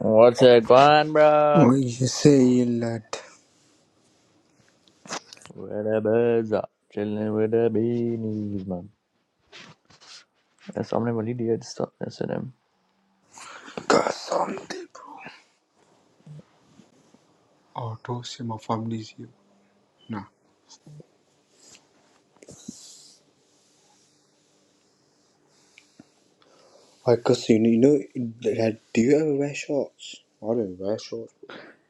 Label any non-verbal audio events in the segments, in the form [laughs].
What's it going, bro? Oh, you say that. Where the birds are chilling with the beanies, man. There's some little idiot stuff missing him. Kasante, bro. Oh, toss him off families Nah. Why, cause you know, you know that, do you ever wear shorts? I don't wear shorts.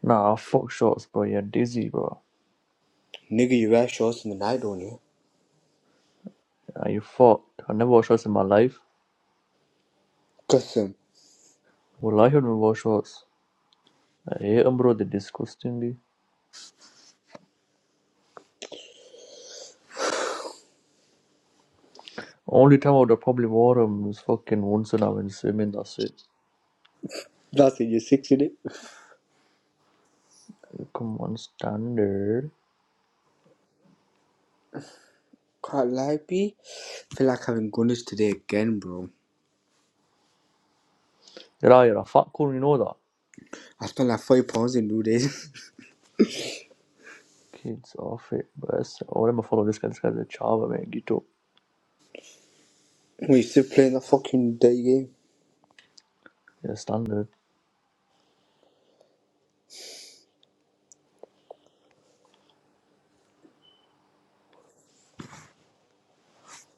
Nah, fuck shorts, bro. You're dizzy, bro. Nigga, you wear shorts in the night, don't you? Are you fucked? I never wore shorts in my life. Custom. Well, I haven't wore shorts. I hate 'em, bro. They're disgustingly. Only time I would have probably wore them was fucking once when I went swimming. That's it. That's it, you're six in it. Come on, standard. Can't lie, B. feel like having gunners today again, bro. Yeah, you're a fat cool. You know that. I spent like 40 pounds in two days. Kids off it, bro. I'm follow this guy. This guy's a chava, man. Gito. [laughs] we still playing that fucking day game. Yeah, standard.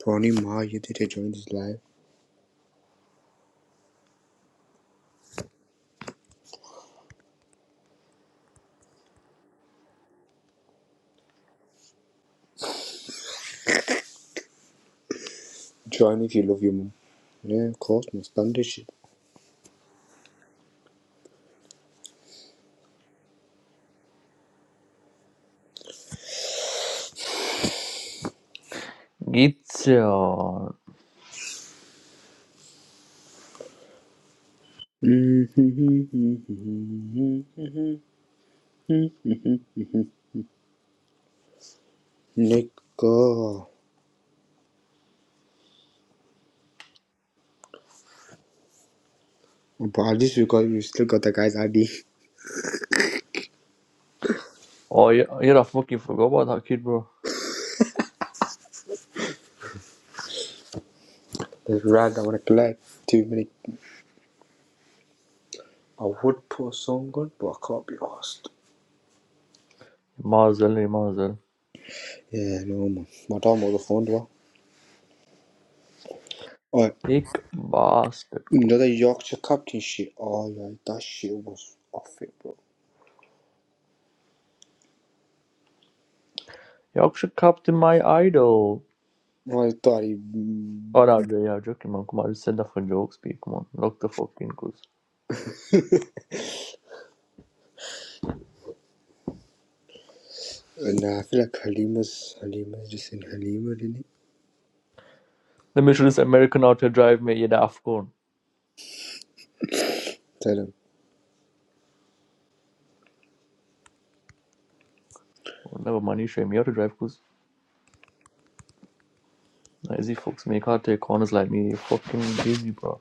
Tony Ma, you did it, join this live. Join if you love your mum. Yeah, of course, man. Standard shit. Gitcha. [laughs] Nigga. But at least we got you still got the guy's ID. Oh, you- you're a fucking forgot about that kid, bro. It's rag I wanna collect too many I would put a song on, but I can't be asked. Mazel, eh, Mazel. Yeah, no man. My dad was a fond one. Alright, Hick bastard. you Good. know that Yorkshire captain shit? Oh yeah, that shit was off it bro. Yorkshire Captain, my idol. Well, I thought he mm, Oh, no, yeah, yeah, joking, man. Come on, I just said that for jokes, P. Come on, knock the fucking goose. nah, I feel like Halima's Halima's just in Halima, didn't he? Let me show this American how to drive me, you are the Afghan. Tell him. Oh, never mind, you show me how to drive, goose. Easy, fucks me. You can't take corners like me. You're fucking busy, bro.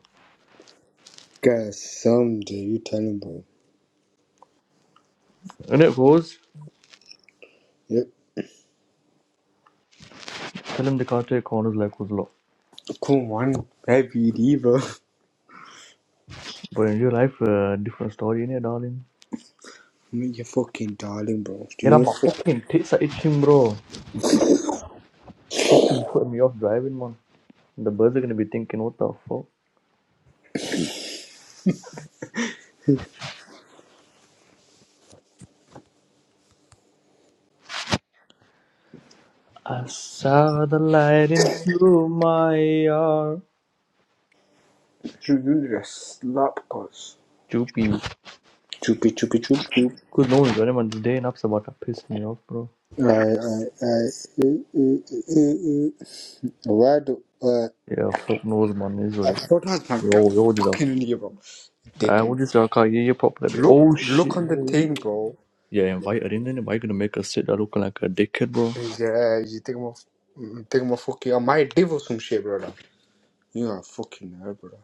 Guys, someday you tell him bro. And it goes, Yep. tell him they can't take corners like us, lot. Come on, baby diva. But in real life, uh, different story, innit, darling? I'm your [laughs] fucking darling bro. Do Yeah, you? my fucking tits are itching, bro. You put me off driving, man. The birds are gonna be thinking, what the fuck? I saw the light into my yard. Jujure slapkas. Choopy. Chupi chupi chup chup. Cause no one's running, man. Today and up's about to piss me off, bro. Aye aye I, Uh, uh, uh, uh. Why do uh, Yeah, fuck knows, man. It is what I it is. photos man get Yo, yo, what is up? fucking in here, bro? Uh, Dickhead. what is your car? Yeah, yeah, pop that. bit. Oh, Look shit. look on the Yo. thing, bro. Yeah, invite her in, and why you gonna make her sit there looking like a dickhead, bro? Yeah, you think I'm a, think I'm a fucking I might div or some shit, brother. You are a fucking nerd, brother.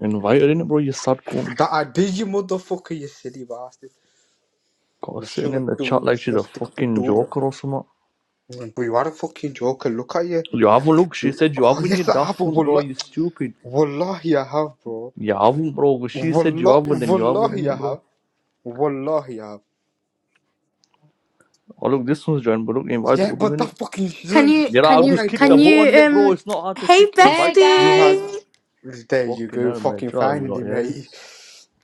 Invite her in, bro. You sadko. That I did you motherfucker, you silly bastard. God, I'm sitting sure in the chat two, I'm like she's sure a stick up your fucking two, bro. joker or something. But you are a fucking joker. Look at you. You have a look. She you said you oh haven't you yes, I have. daft a cunt, bull. bro. You stupid. Wallahi, I have, bro. Yavrum bro, she said Wallah, Yavrum and Yavrum in wallahi, I it, bro. have. Wallahi, I have. Oh look, this one's joined, but look, invite Yeah, Odun but in that it. fucking Can isn't you Yeah, I'll can bug you just eyed, click the can bro. you button in it, um bro. It's not hard to hey click invite. Hey You had. guys! bestie? There you Fucking go, hell, man. fucking Chill you lot, finally, mate. [laughs] yes.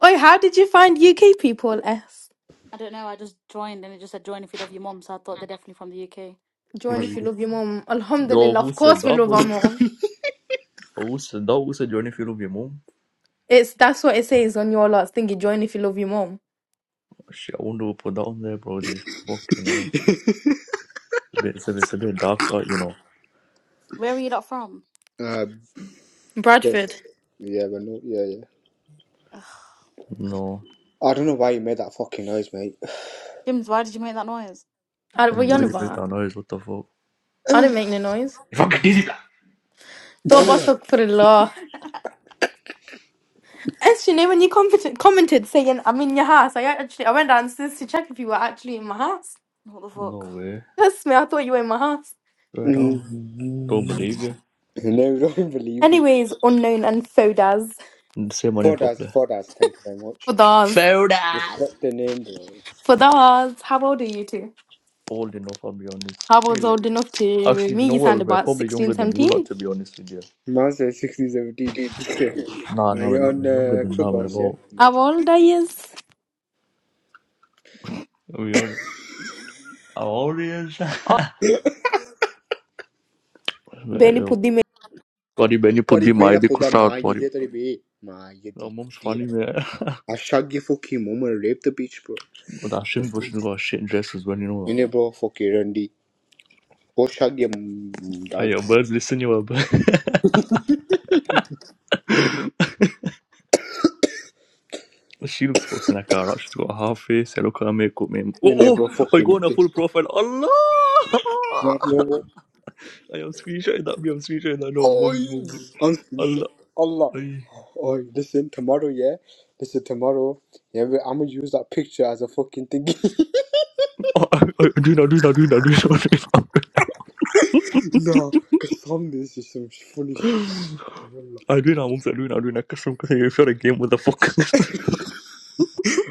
Oi, how did you find UK people S? I don't know, I just joined and it just said join if you love your mom, so I thought they're definitely from the UK. Join Well, if you love your mom. Yo, Alhamdulillah, who of said course we that, love our bro? mom. Oh, Who said that? Who said join if you love your mom? It's that's what it says on your lot's thingy, join if you love your mom. Oh, Shit, I wonder who put that on there, bro. Just fucking hell. It's a bit, it's a bit, it's a bit dark, right, you know. Where are you lot from? Uh, Bradford. yes. Yeah, but no, yeah, yeah. Ugh. No. I don't know why you made that fucking noise, mate. Jims, why did you make that noise? I what And you [laughs] on why'd you make about? that noise? What the fuck? I didn't make no noise. You fucking dizzy, bro. Thought about stuck for the law. S, you know, when you commented, commented saying, I'm in your house, I actually, I went downstairs to check if you were actually in my house. What the No fuck? way. That's me, I thought you were in my house. Swear down. Mm. Don't Mm. no, believe you. [laughs] you don't believe you. Anyways, unknown and fodas. Say my name Four dollars, properly. four dollars, thank you very much. Fodas. Fair ass. Respect the name, bro. For those, how old are you two? Old enough, I'll be honest. I was Really? old enough to Actually, you me, know you what? We sound We're about probably younger sixteen, than you seventeen. lot, to be honest with you. Mazda 6017. Dude. Nah, [laughs] Are nah, we're, you not- on we're younger uh, than that. We're Clubhouse, about. yeah? How old are you? We are. How old is [laughs] that? Mate, yo. Sorry, man, you put the my the Taribena kusra my sorry. Yede Taribe. My Your Yedi mom's funny, Kutira. man. [laughs] Ashagya fucking Momer rape the beach bro. But You Ashim's but she's got a shit dress as well, you know. Inebro Foki Randy. Oshagya Hey, Dad. your birds, listen, your bird. [laughs] she looks fucking like a rat. She's got a half face. I look at her makeup, man. Oh, oh, Inebro I Foki go on a Nite. full profile. Allah! [laughs] Marlovo. I am screenshotting that, me, I'm screenshotting that. No, Oi! mom's, mom's. Uns- Allah. Allah. Ay. Oi, listen, tomorrow, yeah? Listen, tomorrow, yeah, we- I'm gonna use that picture as a fucking thing. Oh, I, I Arena, Arena, Arena, Arena, Arena. [laughs] no, because some this is some funny shit. Allah. Arena, I won't say Arena, Arena. Catch them because if you're a game with the fuck.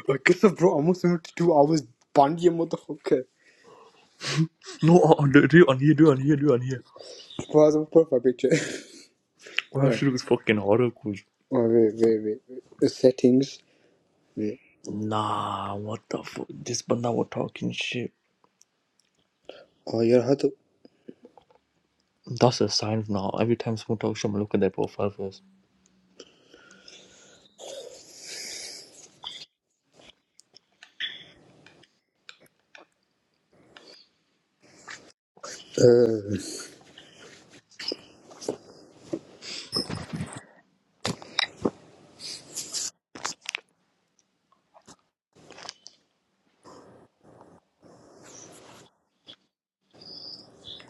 I guess, bro, almost 72 hours. Bandia motherfucker. [laughs] no, uh, uh, do do it on here, do it on here, do it on here. Bro, that's a profile picture. [laughs] Oh, I Right. should do this fucking horror quiz. Oh, wait, wait, wait. wait. The settings. Wait. Nah, what the fuck? This banda was talking shit. Oh, you have to. That's a sign now. Every time someone talks shit, I'm gonna look at their profile first. Uh.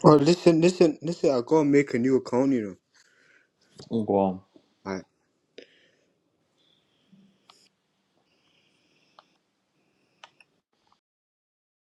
Oh, listen, listen, listen. I gotta make a new account, you Go on. know.